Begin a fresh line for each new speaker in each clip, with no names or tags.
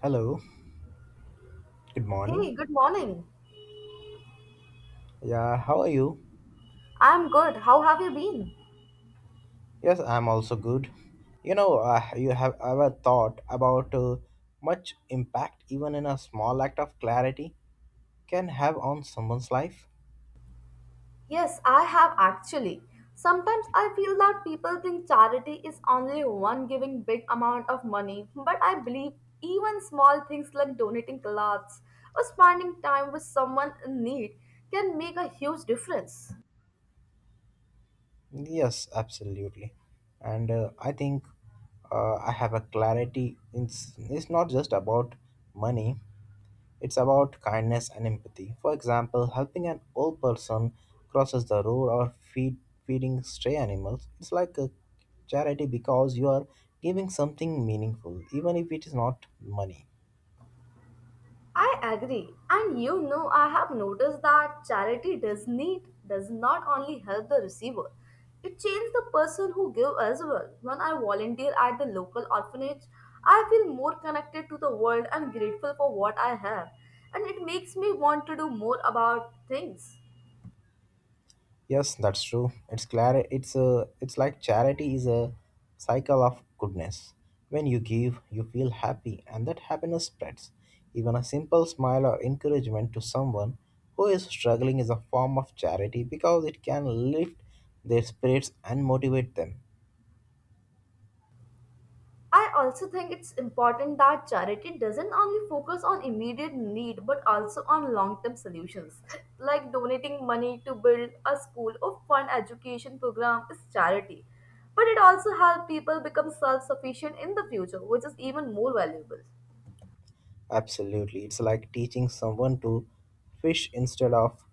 Hello, good morning.
Hey, good morning.
Yeah, how are you?
I'm good. How have you been?
Yes, I'm also good. You have ever thought about much impact even in a small act of clarity can have on someone's life?
Yes, I have actually. Sometimes I feel that people think charity is only one giving big amount of money, but I believe even small things like donating clothes or spending time with someone in need can make a huge difference.
Yes, absolutely. And I think I have a clarity. It's not just about money, it's about kindness and empathy. For example, helping an old person crosses the road or feeding stray animals. It's like a charity because you are giving something meaningful, even if it is not money.
I agree. I have noticed that charity does not only help the receiver. It changes the person who give as well. When I volunteer at the local orphanage, I feel more connected to the world and grateful for what I have. And it makes me want to do more about things.
Yes, that's true. It's clar- It's a. It's like charity is a cycle of goodness. When you give, you feel happy, and that happiness spreads. Even a simple smile or encouragement to someone who is struggling is a form of charity because it can lift their spirits and motivate them.
I also think it's important that charity doesn't only focus on immediate need but also on long term solutions. Like donating money to build a school or fund education program is charity. But it also helps people become self sufficient in the future, which is even more valuable.
Absolutely, it's like teaching someone to fish instead of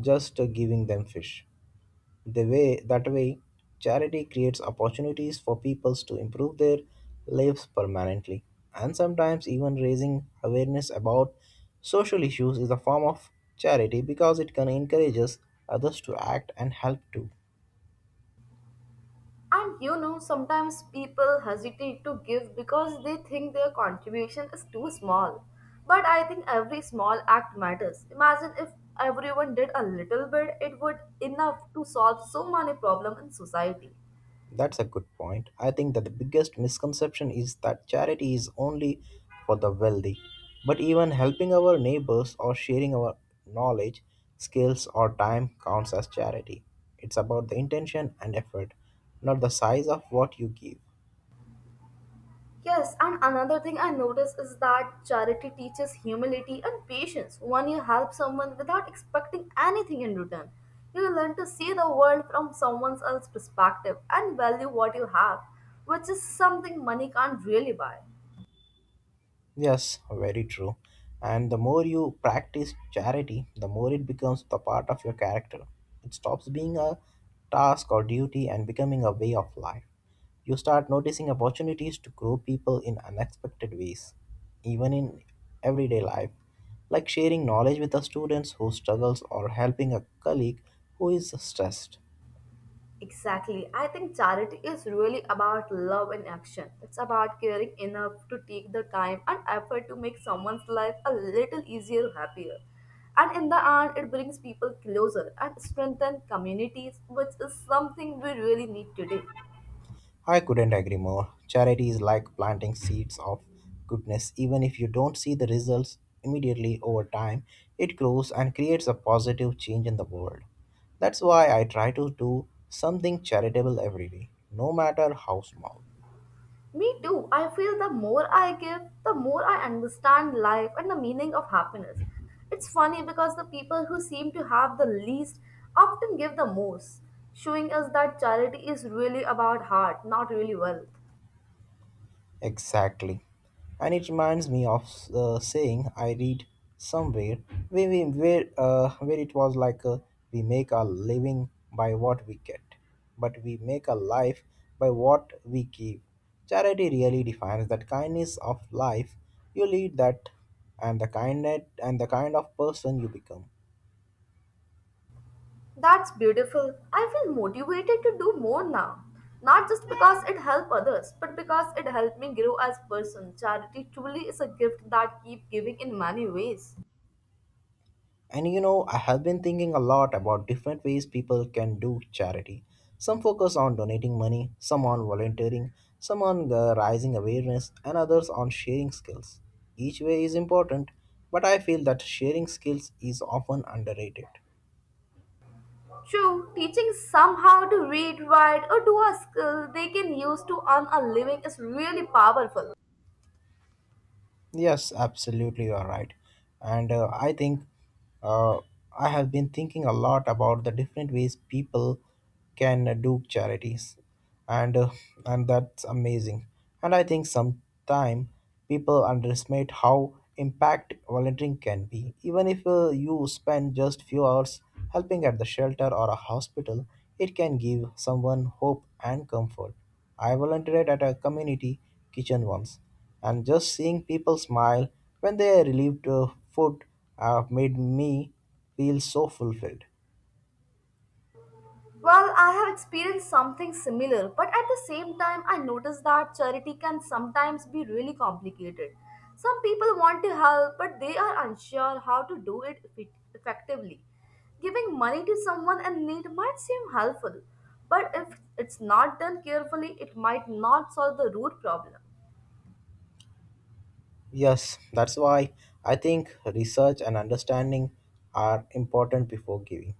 just giving them fish. The way that way, Charity creates opportunities for peoples to improve their lives permanently. And sometimes even raising awareness about social issues is a form of charity because it can encourages others to act and help too.
Sometimes people hesitate to give because they think their contribution is too small. But I think every small act matters. Imagine if everyone did a little bit, it would enough to solve so many problems in society.
That's a good point. I think that the biggest misconception is that charity is only for the wealthy. But even helping our neighbors or sharing our knowledge, skills, or time counts as charity. It's about the intention and effort, not the size of what you give.
Yes, and another thing I notice is that charity teaches humility and patience. When you help someone without expecting anything in return, you learn to see the world from someone else's perspective and value what you have, which is something money can't really buy.
Yes, very true. And the more you practice charity, the more it becomes the part of your character. It stops being a task or duty and becoming a way of life. You start noticing opportunities to grow people in unexpected ways, even in everyday life, like sharing knowledge with the students who struggles or helping a colleague who is stressed.
Exactly. I think charity is really about love in action. It's about caring enough to take the time and effort to make someone's life a little easier or happier. And in the end, it brings people closer and strengthens communities, which is something we really need today.
I couldn't agree more. Charity is like planting seeds of goodness. Even if you don't see the results immediately over time, it grows and creates a positive change in the world. That's why I try to do something charitable every day, no matter how small.
Me too. I feel the more I give, the more I understand life and the meaning of happiness. It's funny because the people who seem to have the least often give the most, showing us that charity is really about heart, not really wealth.
Exactly. And it reminds me of the saying I read somewhere where, we, where it was like we make our living by what we get, but we make a life by what we give. Charity really defines that kindness of life you lead that and the kind and the kind of person you become.
That's beautiful. I feel motivated to do more now. Not just because it helped others, but because it helped me grow as person. Charity truly is a gift that keep giving in many ways.
And you know, I have been thinking a lot about different ways people can do charity. Some focus on donating money, some on volunteering, some on raising awareness, and others on sharing skills. Each way is important, but I feel that sharing skills is often underrated.
True, teaching somehow to read, write, or do a skill they can use to earn a living is really powerful.
Yes, absolutely, you are right. And I think uh, I have been thinking a lot about the different ways people can do charities, and uh, and that's amazing. And I think sometimes people underestimate how impact volunteering can be. Even if you spend just few hours helping at the shelter or a hospital, it can give someone hope and comfort. I volunteered at a community kitchen once, and just seeing people smile when they relieved food made me feel so fulfilled.
Well, I have experienced something similar, but at the same time, I noticed that charity can sometimes be really complicated. Some people want to help, but they are unsure how to do it effectively. Giving money to someone in need might seem helpful, but if it's not done carefully, it might not solve the root problem.
Yes, that's why I think research and understanding are important before giving,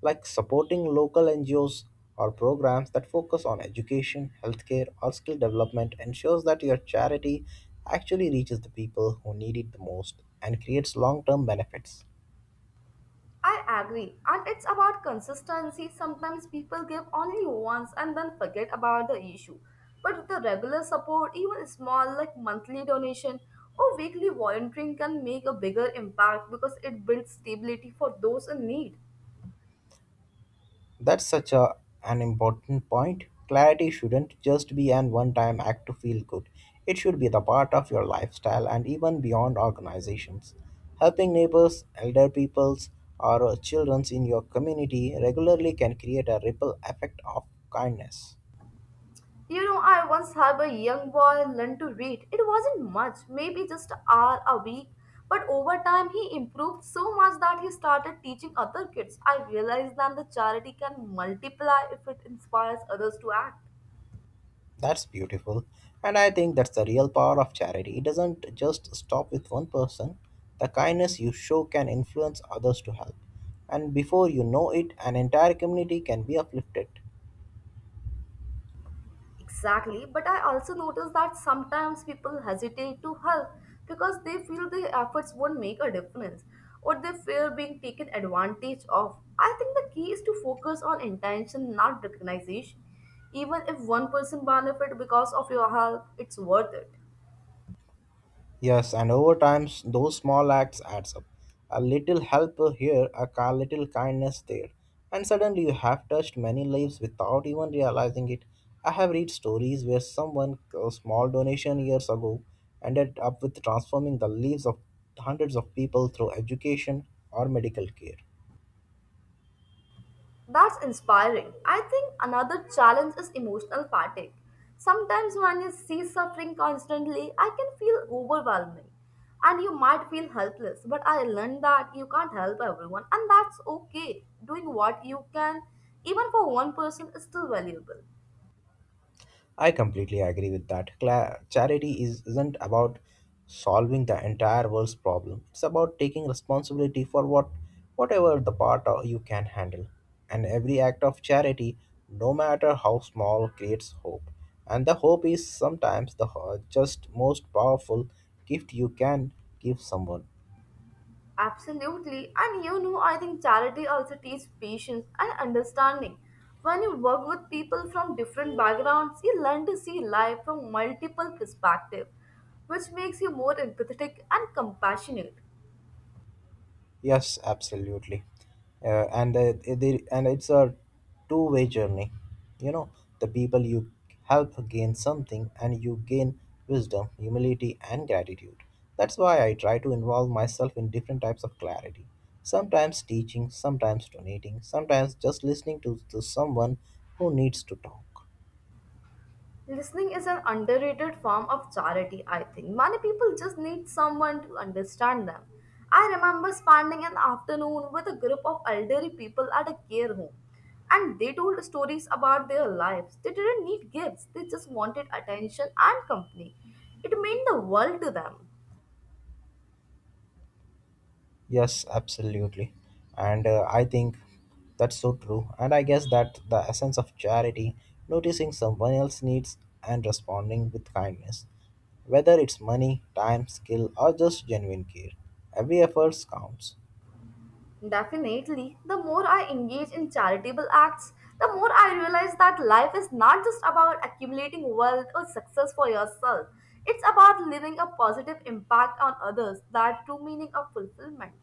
like supporting local NGOs or programs that focus on education, healthcare, or skill development ensures that your charity actually reaches the people who need it the most and creates long term benefits.
I agree, and it's about consistency. Sometimes people give only once and then forget about the issue. But with the regular support, even small like monthly donation or weekly volunteering can make a bigger impact because it builds stability for those in need.
That's such a, an important point. Clarity shouldn't just be an one time act to feel good, it should be the part of your lifestyle and even beyond organizations. Helping neighbors, elder peoples, or children in your community regularly can create a ripple effect of kindness.
You know, I once had a young boy learn to read. It wasn't much, maybe just an hour a week. But over time, he improved so much that he started teaching other kids. I realized that the charity can multiply if it inspires others to act.
That's beautiful. And I think that's the real power of charity. It doesn't just stop with one person. The kindness you show can influence others to help. And before you know it, an entire community can be uplifted.
Exactly, but I also notice that sometimes people hesitate to help because they feel their efforts won't make a difference or they fear being taken advantage of. I think the key is to focus on intention, not recognition. Even if one person benefit because of your help, it's worth it.
Yes, and over time, those small acts adds up. A little help here, a little kindness there, and suddenly you have touched many lives without even realizing it. I have read stories where someone a small donation years ago ended up with transforming the lives of hundreds of people through education or medical care.
That's inspiring. I think another challenge is emotional fatigue. Sometimes when you see suffering constantly, I can feel overwhelming and you might feel helpless. But I learned that you can't help everyone and that's okay. Doing what you can, even for one person, is still valuable.
I completely agree with that. Charity is, isn't about solving the entire world's problem. It's about taking responsibility for whatever the part you can handle. And every act of charity, no matter how small, creates hope. And the hope is sometimes the just most powerful gift you can give someone.
Absolutely. I think charity also teaches patience and understanding. When you work with people from different backgrounds, you learn to see life from multiple perspectives, which makes you more empathetic and compassionate.
Yes, absolutely. And it's a two-way journey. You know, the people you help gain something, and you gain wisdom, humility, and gratitude. That's why I try to involve myself in different types of clarity. Sometimes teaching, sometimes donating, sometimes just listening to someone who needs to talk.
Listening is an underrated form of charity, I think. Many people just need someone to understand them. I remember spending an afternoon with a group of elderly people at a care home, and they told stories about their lives. They didn't need gifts, they just wanted attention and company. It meant the world to them.
Yes, absolutely. And I think that's so true. And I guess that the essence of charity, noticing someone else's needs and responding with kindness, whether it's money, time, skill, or just genuine care, every effort counts.
Definitely, the more I engage in charitable acts, the more I realize that life is not just about accumulating wealth or success for yourself. It's about leaving a positive impact on others, that true meaning of fulfillment.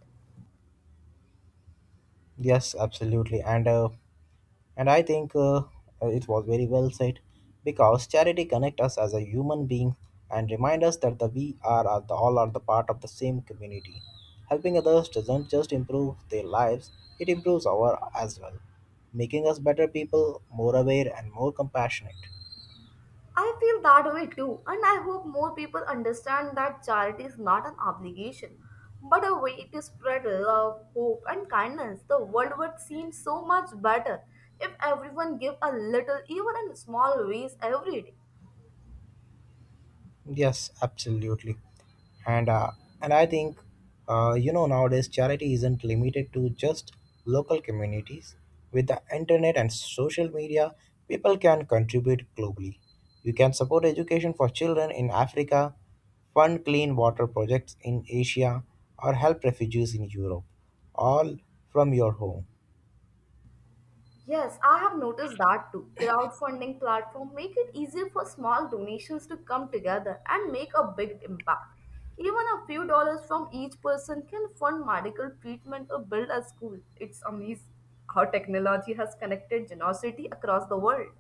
Yes, absolutely. And I think it was very well said because charity connects us as a human being and remind us that the we are the, all are the part of the same community. Helping others doesn't just improve their lives, it improves our as well, making us better people, more aware and more compassionate.
I feel that way too, and I hope more people understand that charity is not an obligation, but a way to spread love, hope, and kindness. The world would seem so much better if everyone gave a little, even in small ways, every day.
Yes, absolutely. And uh, and I think you know nowadays charity isn't limited to just local communities. With the internet and social media, people can contribute globally. You can support education for children in Africa, fund clean water projects in Asia, or help refugees in Europe, all from your home.
Yes, I have noticed that too. Crowdfunding platform make it easier for small donations to come together and make a big impact. Even a few dollars from each person can fund medical treatment or build a school. It's amazing how technology has connected generosity across the world.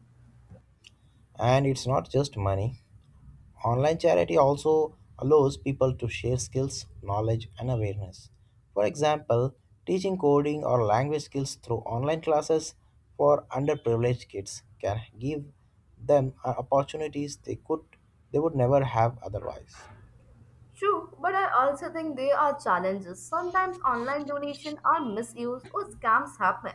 And it's not just money. Online charity also allows people to share skills, knowledge, and awareness. For example, teaching coding or language skills through online classes for underprivileged kids can give them opportunities they would never have otherwise.
True, but I also think there are challenges. Sometimes online donations are misused or scams happen.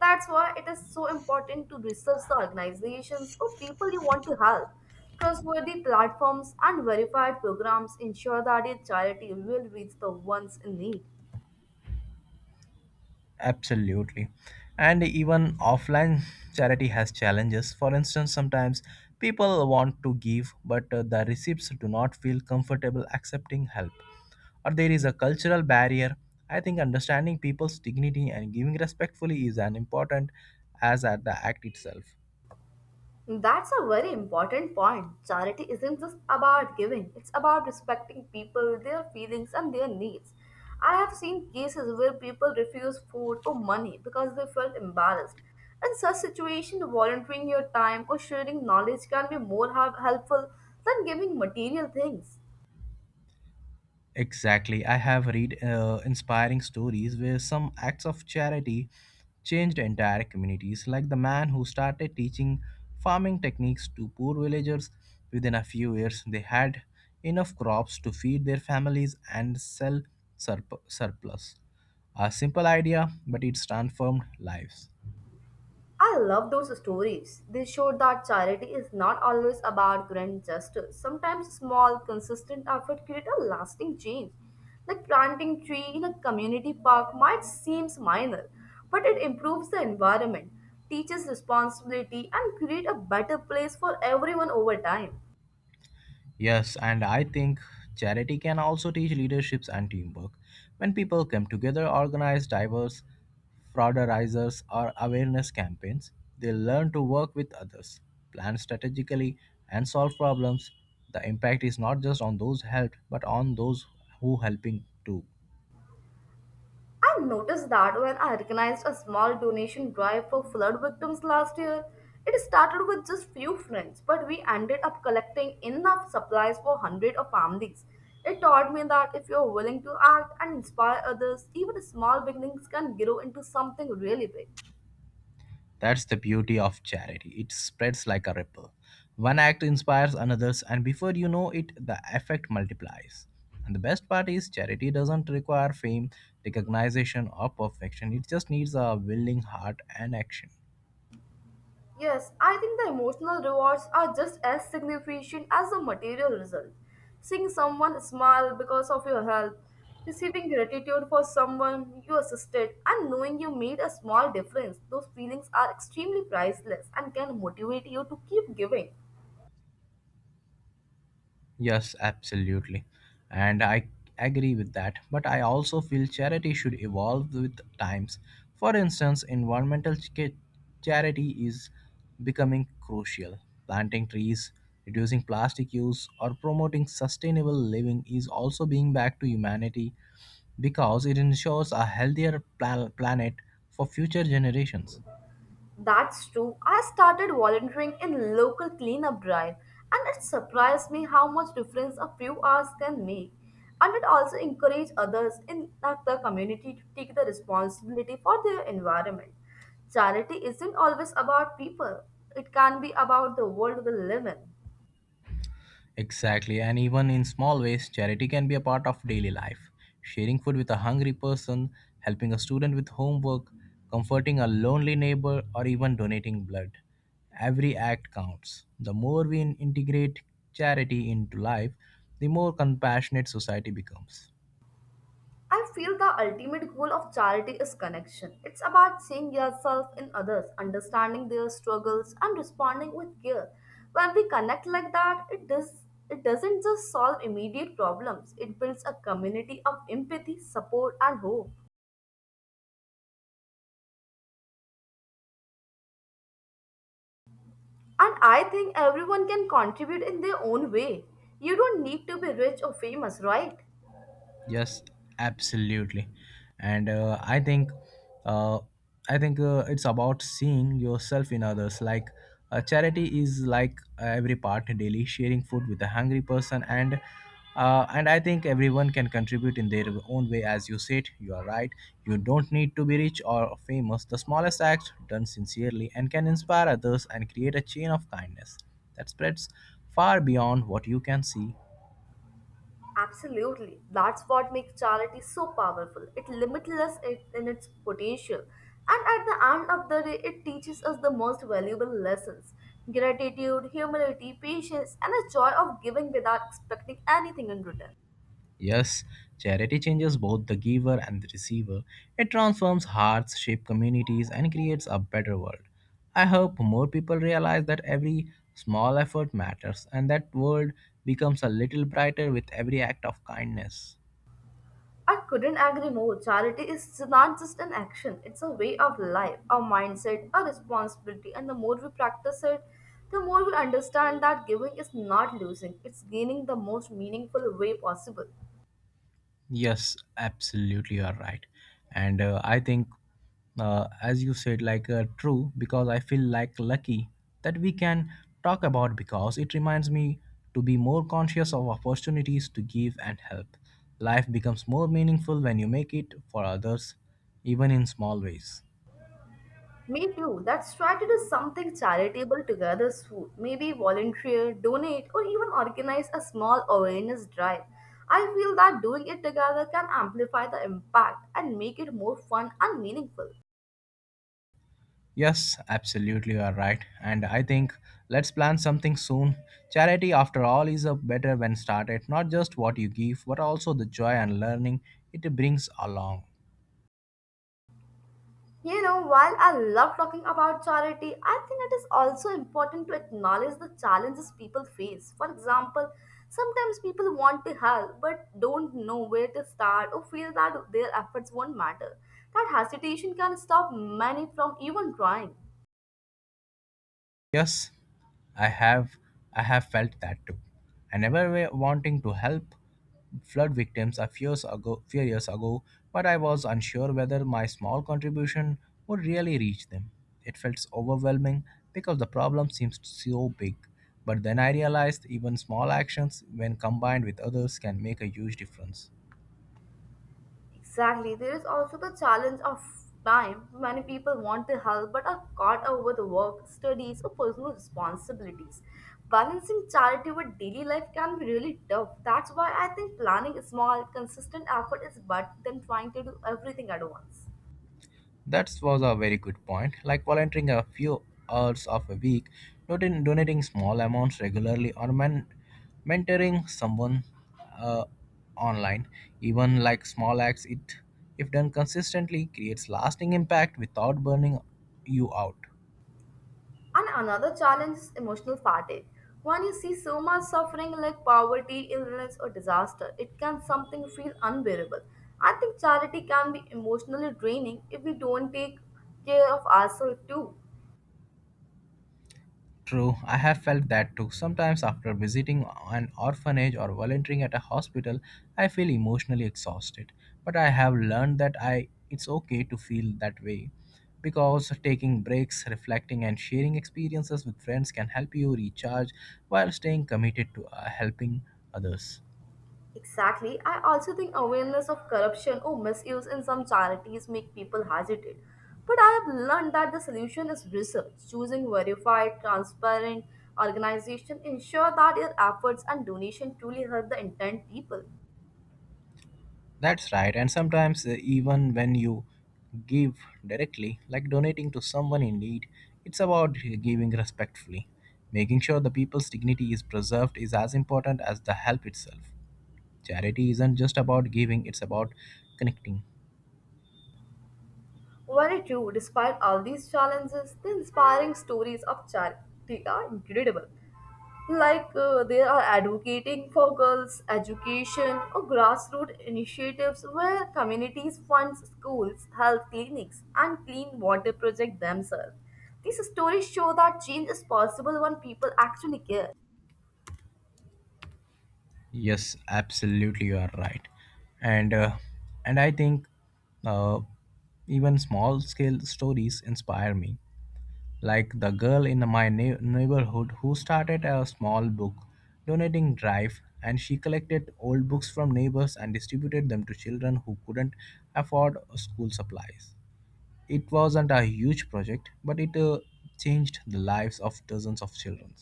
That's why it is so important to research the organizations or people you want to help. Trustworthy platforms and verified programs ensure that your charity will reach the ones in need.
Absolutely. And even offline charity has challenges. For instance, sometimes people want to give, but the recipients do not feel comfortable accepting help, or there is a cultural barrier. I think understanding people's dignity and giving respectfully is as important as at the act itself.
That's a very important point. Charity isn't just about giving, it's about respecting people, their feelings, and their needs. I have seen cases where people refuse food or money because they felt embarrassed. In such situations, volunteering your time or sharing knowledge can be more helpful than giving material things.
Exactly. I have read inspiring stories where some acts of charity changed entire communities, like the man who started teaching farming techniques to poor villagers. Within a few years, they had enough crops to feed their families and sell surplus. A simple idea, but it transformed lives.
I love those stories. They show that charity is not always about grand gestures. Sometimes small, consistent effort create a lasting change. Like planting tree in a community park might seem minor, but it improves the environment, teaches responsibility, and create a better place for everyone over time.
Yes, and I think charity can also teach leaderships and teamwork. When people come together, organize diverse fraudizers or awareness campaigns, they learn to work with others, plan strategically, and solve problems. The impact is not just on those helped, but on those who helping too.
I noticed that when I organized a small donation drive for flood victims last year. It started with just few friends, but we ended up collecting enough supplies for hundreds of families. It taught me that if you're willing to act and inspire others, even small beginnings can grow into something really big.
That's the beauty of charity. It spreads like a ripple. One act inspires another's, and before you know it, the effect multiplies. And the best part is, charity doesn't require fame, recognition, or perfection. It just needs a willing heart and action.
Yes, I think the emotional rewards are just as significant as the material result. Seeing someone smile because of your help, receiving gratitude for someone you assisted, and knowing you made a small difference, those feelings are extremely priceless and can motivate you to keep giving.
Yes, absolutely. And I agree with that. But I also feel charity should evolve with times. For instance, environmental charity is becoming crucial. Planting trees, reducing plastic use, or promoting sustainable living is also being back to humanity because it ensures a healthier planet for future generations.
That's true. I started volunteering in local cleanup drive and it surprised me how much difference a few hours can make. And it also encouraged others in the community to take the responsibility for their environment. Charity isn't always about people. It can be about the world we live in.
Exactly, and even in small ways, charity can be a part of daily life. Sharing food with a hungry person, helping a student with homework, comforting a lonely neighbor, or even donating blood. Every act counts. The more we integrate charity into life, the more compassionate society becomes.
I feel the ultimate goal of charity is connection. It's about seeing yourself in others, understanding their struggles, and responding with care. When we connect like that, it doesn't just solve immediate problems. It builds a community of empathy, support, and hope. And I think everyone can contribute in their own way. You don't need to be rich or famous, right?
Yes, absolutely. And I think, uh, it's about seeing yourself in others. Like charity is like every part daily, sharing food with a hungry person, and I think everyone can contribute in their own way. As you said, you are right. You don't need to be rich or famous. The smallest act done sincerely and can inspire others and create a chain of kindness that spreads far beyond what you can see.
Absolutely. That's what makes charity so powerful. It limitless it in its potential. And at the end of the day, it teaches us the most valuable lessons gratitude, humility, patience, and the joy of giving without expecting anything in return.
Yes, charity changes both the giver and the receiver. It transforms hearts, shapes communities, and creates a better world. I hope more people realize that every small effort matters and that world becomes a little brighter with every act of kindness.
I couldn't agree more. Charity is not just an action, it's a way of life, a mindset, a responsibility. And the more we practice it, the more we understand that giving is not losing, it's gaining the most meaningful way possible.
Yes, absolutely, you are right. And I think, as you said, like true, because I feel like lucky that we can talk about because it reminds me to be more conscious of opportunities to give and help. Life becomes more meaningful when you make it for others, even in small ways.
Me too. Let's try to do something charitable together soon. Maybe volunteer, donate, or even organize a small awareness drive. I feel that doing it together can amplify the impact and make it more fun and meaningful.
Yes, absolutely, you are right. And I think let's plan something soon. Charity, after all, is a better when started, not just what you give, but also the joy and learning it brings along.
You know, while I love talking about charity, I think it is also important to acknowledge the challenges people face. For example, sometimes people want to help but don't know where to start or feel that their efforts won't matter. That hesitation can stop many from even trying.
Yes, I have I have felt that too. I never were wanting to help flood victims a few years ago, but I was unsure whether my small contribution would really reach them. It felt overwhelming because the problem seems so big. But then I realized even small actions, when combined with others, can make a huge difference.
Exactly. There is also the challenge of time. Many people want to help but are caught up with work, studies, or personal responsibilities. Balancing charity with daily life can be really tough. That's why I think planning small, consistent effort is better than trying to do everything at once.
That was a very good point. Like volunteering a few hours of a week, donating small amounts regularly, mentoring someone uh, online, even like small acts, it if done consistently creates lasting impact without burning you out.
And another challenge is emotional fatigue. When you see so much suffering like poverty, illness, or disaster, it can something feel unbearable. I think charity can be emotionally draining if we don't take care of ourselves too.
True, I have felt that too. Sometimes, after visiting an orphanage or volunteering at a hospital, I feel emotionally exhausted. But I have learned that I it's okay to feel that way because taking breaks, reflecting, and sharing experiences with friends can help you recharge while staying committed to helping others.
Exactly. I also think awareness of corruption or misuse in some charities make people hesitate. But I have learned that the solution is research. Choosing verified, transparent organization ensure that your efforts and donation truly help the intent people.
That's right, and sometimes even when you give directly, like donating to someone in need, it's about giving respectfully. Making sure the people's dignity is preserved is as important as the help itself. Charity isn't just about giving, it's about connecting.
Very true, despite all these challenges, the inspiring stories of charity are incredible. Like they are advocating for girls' education or grassroots initiatives where communities fund schools, health clinics, and clean water projects themselves. These stories show that change is possible when people actually care.
Yes, absolutely, you are right. And uh, and I think uh, even small scale stories inspire me, like the girl in my neighborhood who started a small book donating drive, and she collected old books from neighbors and distributed them to children who couldn't afford school supplies. It wasn't a huge project, but it changed the lives of dozens of children.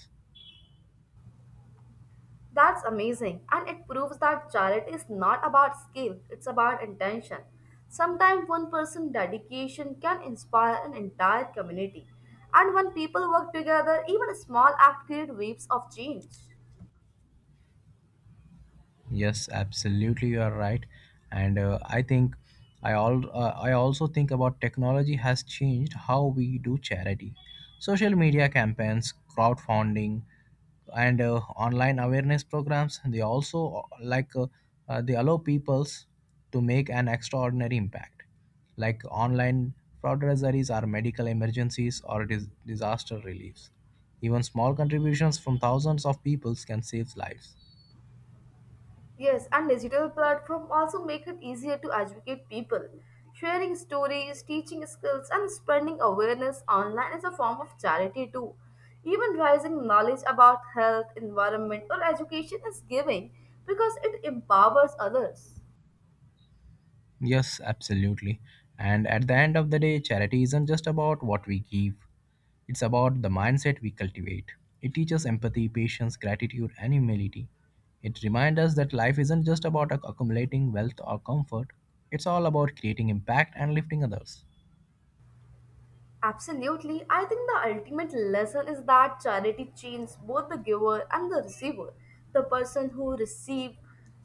That's amazing, and it proves that charity is not about skill, it's about intention. Sometimes one person's dedication can inspire an entire community, and when people work together, even a small act creates waves of change.
Yes, absolutely, you are right, and I think I also think about technology has changed how we do charity, social media campaigns, crowdfunding, and online awareness programs. They also like they allow peoples to make an extraordinary impact, like online fundraisers are medical emergencies or disaster reliefs. Even small contributions from thousands of peoples can save lives.
Yes, and digital platform also make it easier to educate people. Sharing stories, teaching skills, and spreading awareness online is a form of charity too. Even rising knowledge about health, environment, or education is giving because it empowers others.
Yes, absolutely. And at the end of the day, charity isn't just about what we give, it's about the mindset we cultivate. It teaches empathy, patience, gratitude, and humility. It reminds us that life isn't just about accumulating wealth or comfort, it's all about creating impact and lifting others.
Absolutely. I think the ultimate lesson is that charity changes both the giver and the receiver. The person who receive,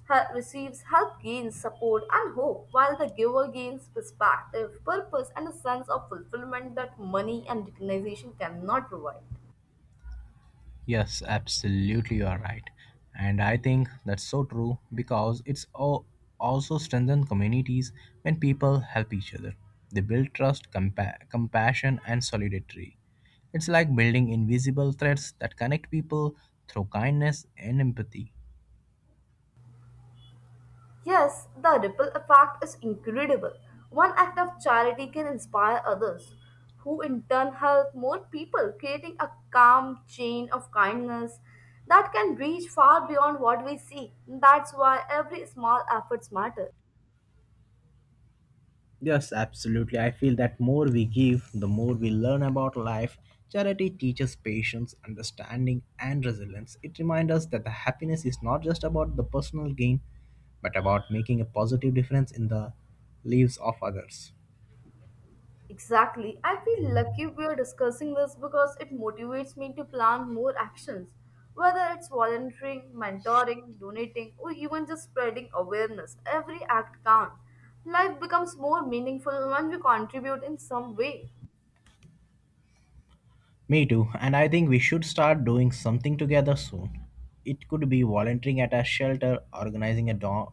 receives help gains support and hope, while the giver gains perspective, purpose, and a sense of fulfillment that money and recognition cannot provide.
Yes, absolutely, you are right. And I think that's so true because it's also strengthen communities when people help each other. They build trust, compassion, and solidarity. It's like building invisible threads that connect people through kindness and empathy.
Yes, the ripple effect is incredible. One act of charity can inspire others, who in turn help more people, creating a calm chain of kindness that can reach far beyond what we see. That's why every small effort matters.
Yes, absolutely. I feel that more we give, the more we learn about life. Charity teaches patience, understanding, and resilience. It reminds us that the happiness is not just about the personal gain, but about making a positive difference in the lives of others.
Exactly. I feel lucky we are discussing this because it motivates me to plan more actions, whether it's volunteering, mentoring, donating, or even just spreading awareness. Every act counts. Life becomes more meaningful when we contribute in some way.
Me too, and I think we should start doing something together soon. It could be volunteering at a shelter, organizing a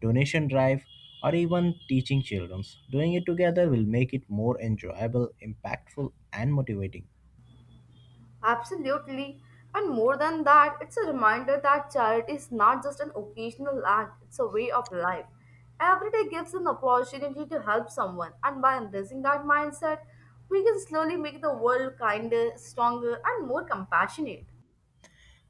donation drive, or even teaching children. Doing it together will make it more enjoyable, impactful, and motivating.
Absolutely. And more than that, it's a reminder that charity is not just an occasional act, it's a way of life. Every day gives an opportunity to help someone, and by embracing that mindset, we can slowly make the world kinder, stronger, and more compassionate.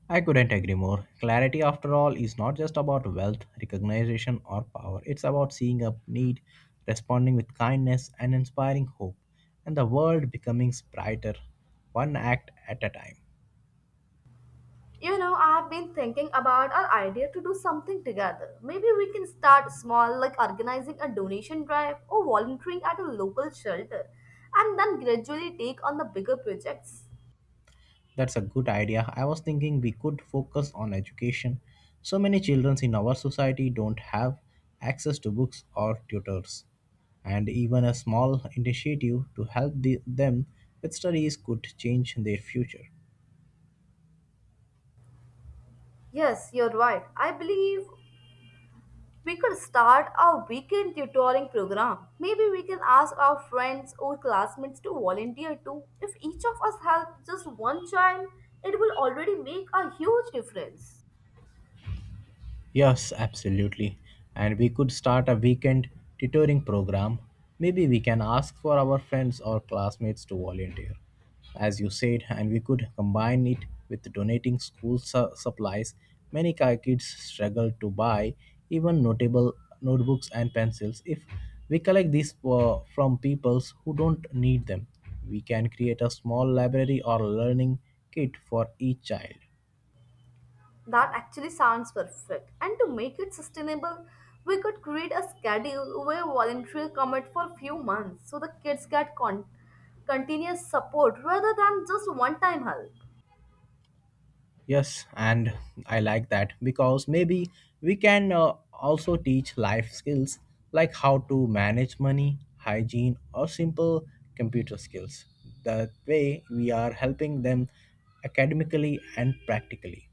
I couldn't agree more. Clarity, after all, is not just about wealth, recognition, or power. It's about seeing a need, responding with kindness, and inspiring hope, and the world becoming brighter, one act at a time.
You know, I have been thinking about our idea to do something together. Maybe we can start small, like organizing a donation drive or volunteering at a local shelter, and then gradually take on the bigger projects.
That's a good idea. I was thinking we could focus on education. So many children in our society don't have access to books or tutors. And even a small initiative to help them with studies could change their future.
Yes, you're right. I believe we could start a weekend tutoring program. Maybe we can ask our friends or classmates to volunteer too. If each of us help just one child, it will already make a huge difference.
Yes, absolutely. And we could start a weekend tutoring program. Maybe we can ask for our friends or classmates to volunteer, as you said, and we could combine it with donating school supplies. Many kids struggle to buy even notable notebooks and pencils. If we collect these from peoples who don't need them, we can create a small library or learning kit for each child.
That actually sounds perfect. And to make it sustainable, we could create a schedule where volunteers commit for a few months so the kids get continuous support rather than just one time help.
Yes, and I like that because maybe we can also teach life skills like how to manage money, hygiene, or simple computer skills. That way, we are helping them academically and practically.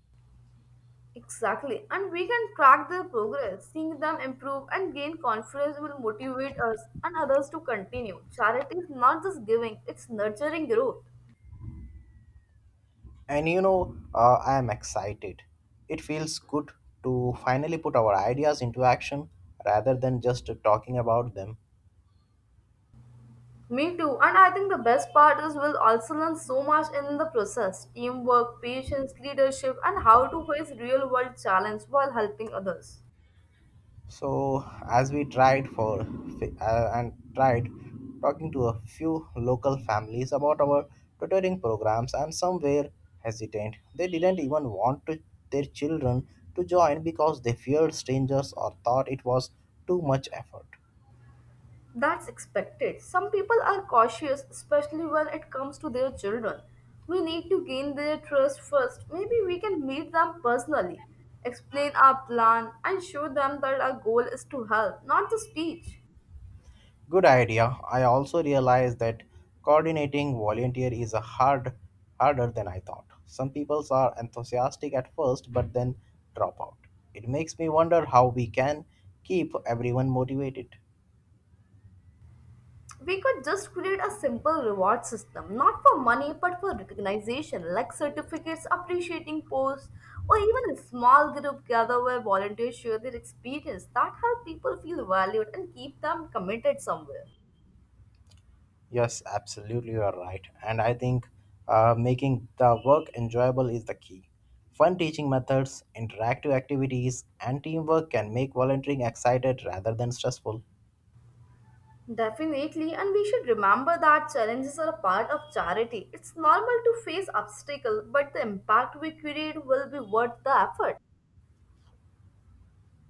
Exactly. And we can track their progress. Seeing them improve and gain confidence will motivate us and others to continue. Charity is not just giving, it's nurturing growth.
And you know, I am excited. It feels good to finally put our ideas into action rather than just talking about them.
Me too. And I think the best part is we'll also learn so much in the process teamwork, patience, leadership, and how to face real world challenge while helping others.
So, as we tried for and tried talking to a few local families about our tutoring programs, and some were hesitant. They didn't even want to, their children to join because they feared strangers or thought it was too much effort.
That's expected. Some people are cautious, especially when it comes to their children. We need to gain their trust first. Maybe we can meet them personally, explain our plan, and show them that our goal is to help, not just teach.
Good idea. I also realized that coordinating volunteer is a harder than I thought. Some people are enthusiastic at first but then drop out. It makes me wonder how we can keep everyone motivated.
We could just create a simple reward system, not for money but for recognition, like certificates, appreciating posts, or even a small group gather where volunteers share their experience. That help people feel valued and keep them committed somewhere.
Yes, absolutely you are right. And I think making the work enjoyable is the key. Fun teaching methods, interactive activities, and teamwork can make volunteering excited rather than stressful.
Definitely, and we should remember that challenges are a part of charity. It's normal to face obstacles, but the impact we create will be worth the effort.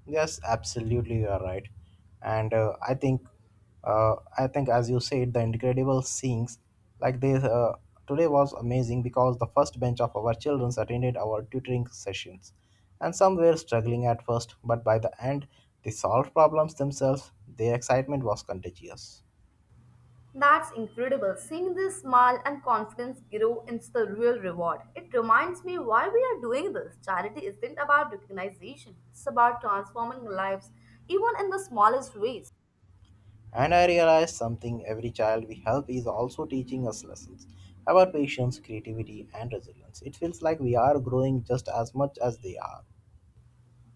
Yes, absolutely, you are right, and I think as you said, the incredible scenes like this today was amazing because the first bench of our children attended our tutoring sessions, and some were struggling at first, but by the end, they solved problems themselves. Their excitement was contagious,
That's incredible. Seeing this smile and confidence grow is the real reward. It reminds me why we are doing this. Charity isn't about recognition, it's about transforming lives, even in the smallest ways.
and I realized something: every child we help is also teaching us lessons about patience, creativity, and resilience. It feels like we are growing just as much as they are.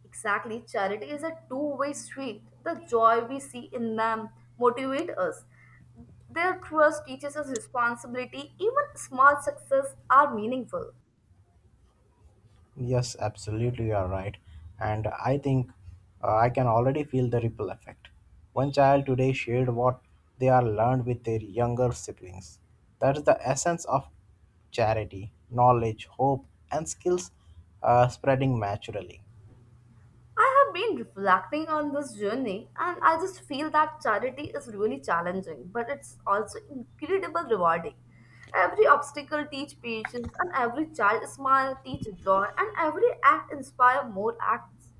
Exactly, charity is a two-way street. The joy we see in them motivates us, their trust teaches us responsibility, even small success are meaningful.
Yes, absolutely, you are right. And I think I can already feel the ripple effect. One child today shared what they are learned with their younger siblings. That is the essence of charity, knowledge, hope, and skills spreading naturally.
I have been reflecting on this journey and I just feel that charity is really challenging, but it's also incredible rewarding. Every obstacle teach patience and every child smile teach joy and every act inspire more acts.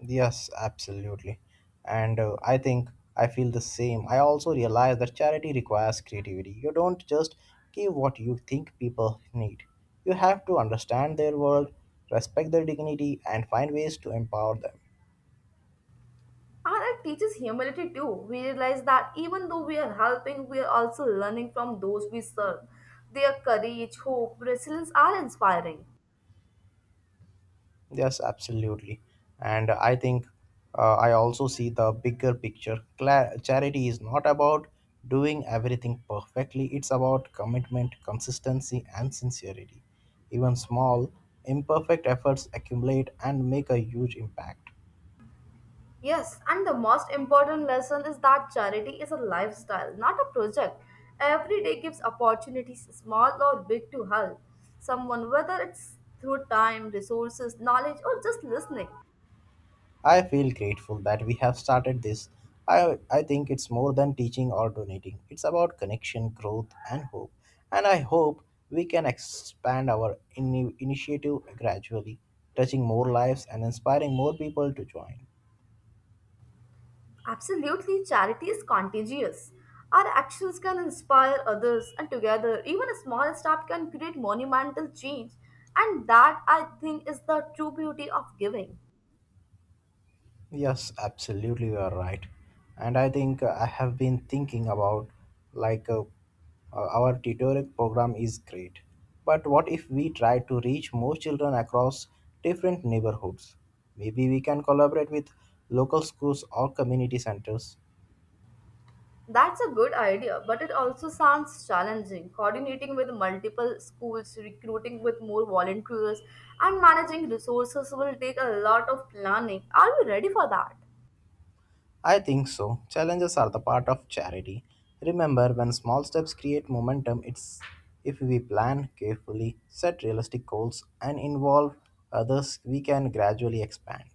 Yes, absolutely. And I think I feel the same. I also realize that charity requires creativity. You don't just give what you think people need, you have to understand their world, respect their dignity, and find ways to empower them.
And it teaches humility too. We realize that even though we are helping, we are also learning from those we serve. Their courage, hope, resilience are inspiring.
Yes, absolutely. And I think I also see the bigger picture. Charity is not about doing everything perfectly, it's about commitment, consistency, and sincerity. Even small, imperfect efforts accumulate and make a huge impact.
Yes, and the most important lesson is that charity is a lifestyle, not a project. Every day gives opportunities, small or big, to help someone, whether it's through time, resources, knowledge, or just listening.
I feel grateful that we have started this. I think it's more than teaching or donating. It's about connection, growth, and hope. And I hope we can expand our initiative gradually, touching more lives and inspiring more people to join.
Absolutely, charity is contagious. Our actions can inspire others, and together, even a small step can create monumental change. And that, I think, is the true beauty of giving.
Yes, absolutely, you are right. And I think I have been thinking about, like uh, our tutorial program is great, but what if we try to reach more children across different neighborhoods? Maybe we can collaborate with local schools or community centers.
That's a good idea, but it also sounds challenging. Coordinating with multiple schools, recruiting with more volunteers, and managing resources will take a lot of planning. Are we ready for that?
I think so. Challenges are the part of charity. Remember, when small steps create momentum, it's if we plan carefully, set realistic goals, and involve others, we can gradually expand.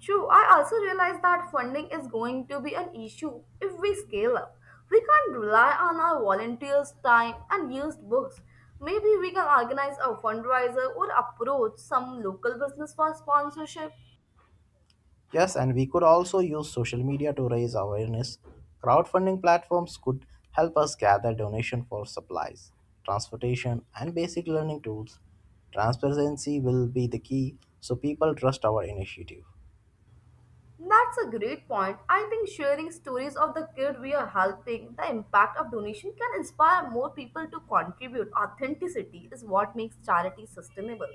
True, I also realize that funding is going to be an issue if we scale up. We can't rely on our volunteers' time and used books. Maybe we can organize a fundraiser or approach some local business for sponsorship.
Yes, and we could also use social media to raise awareness. Crowdfunding platforms could help us gather donation for supplies, transportation, and basic learning tools. Transparency will be the key so people trust our initiative.
That's a great point. I think sharing stories of the kid we are helping, the impact of donation can inspire more people to contribute. Authenticity is what makes charity sustainable.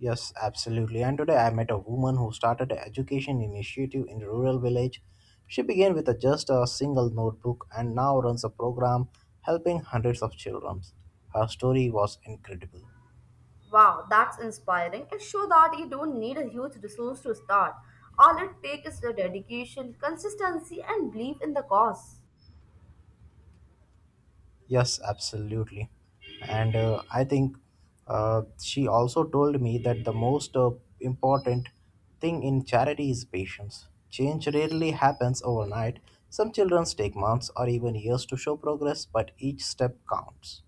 Yes, absolutely. And today I met a woman who started an education initiative in a rural village. She began with a, just a single notebook and now runs a program helping hundreds of children. Her story was incredible.
Wow, that's inspiring. It shows that you don't need a huge resource to start. All it takes is the dedication, consistency and belief in the cause.
Yes, absolutely. And I think she also told me that the most important thing in charity is patience. Change rarely happens overnight. Some children take months or even years to show progress, but each step counts.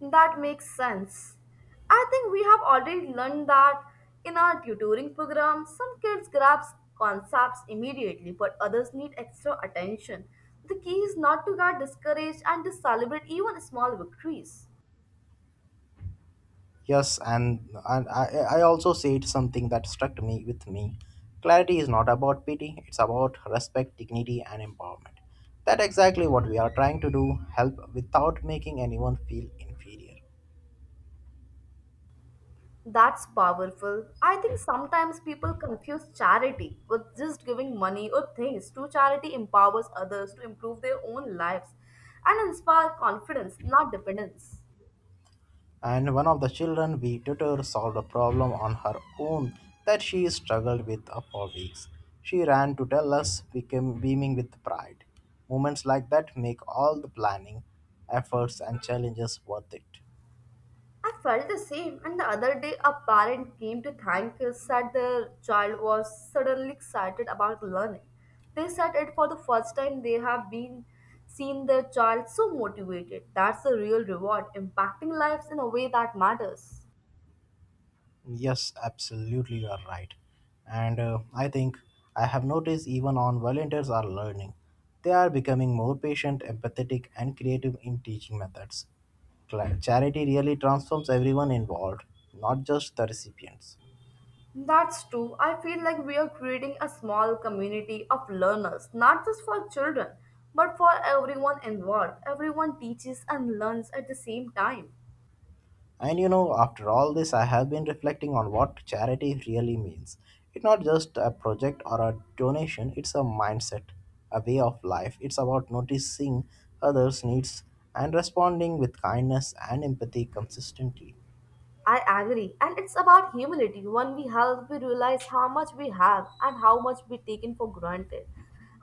That makes sense. I think we have already learned that in our tutoring program, some kids grasp concepts immediately, but others need extra attention. The key is not to get discouraged and to celebrate even small victories.
Yes, and I also said something that struck me with me. Clarity is not about pity, it's about respect, dignity, and empowerment. That's exactly what we are trying to do, help without making anyone feel inferior.
That's powerful. I think sometimes people confuse charity with just giving money or things. True charity empowers others to improve their own lives and inspire confidence, not dependence.
And one of the children we tutor solved a problem on her own that she struggled with for weeks. She ran to tell us, became beaming with pride. Moments like that make all the planning, efforts, and challenges worth it.
I felt the same, and the other day a parent came to thank us that their child was suddenly excited about learning. They said it for the first time they have been seen their child so motivated. That's the real reward, impacting lives in a way that matters.
Yes, absolutely, you are right. And I think I have noticed even on volunteers are learning. They are becoming more patient, empathetic, and creative in teaching methods. Charity really transforms everyone involved, not just the recipients.
That's true. I feel like we are creating a small community of learners, not just for children, but for everyone involved. Everyone teaches and learns at the same time.
And you know, after all this, I have been reflecting on what charity really means. It's not just a project or a donation, it's a mindset, a way of life. It's about noticing others' needs and responding with kindness and empathy consistently.
I agree. And it's about humility. When we help, we realize how much we have and how much we taken for granted.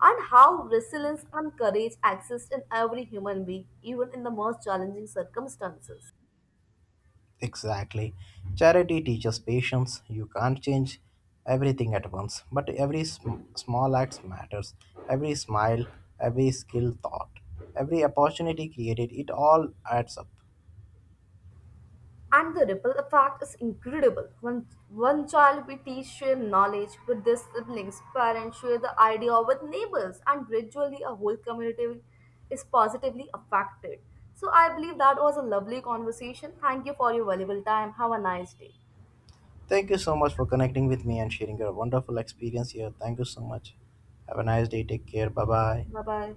And how resilience and courage exist in every human being, even in the most challenging circumstances.
Exactly. Charity teaches patience. You can't change everything at once, but every small act matters. Every smile, every skilled thought, every opportunity created, it all adds up.
And the ripple effect is incredible. When one child we teach share knowledge with their siblings, parents share the idea with neighbors, and gradually a whole community is positively affected. So I believe that was a lovely conversation. Thank you for your valuable time. Have a nice day.
Thank you so much for connecting with me and sharing your wonderful experience here. Thank you so much. Have a nice day. Take care. Bye bye.
Bye bye.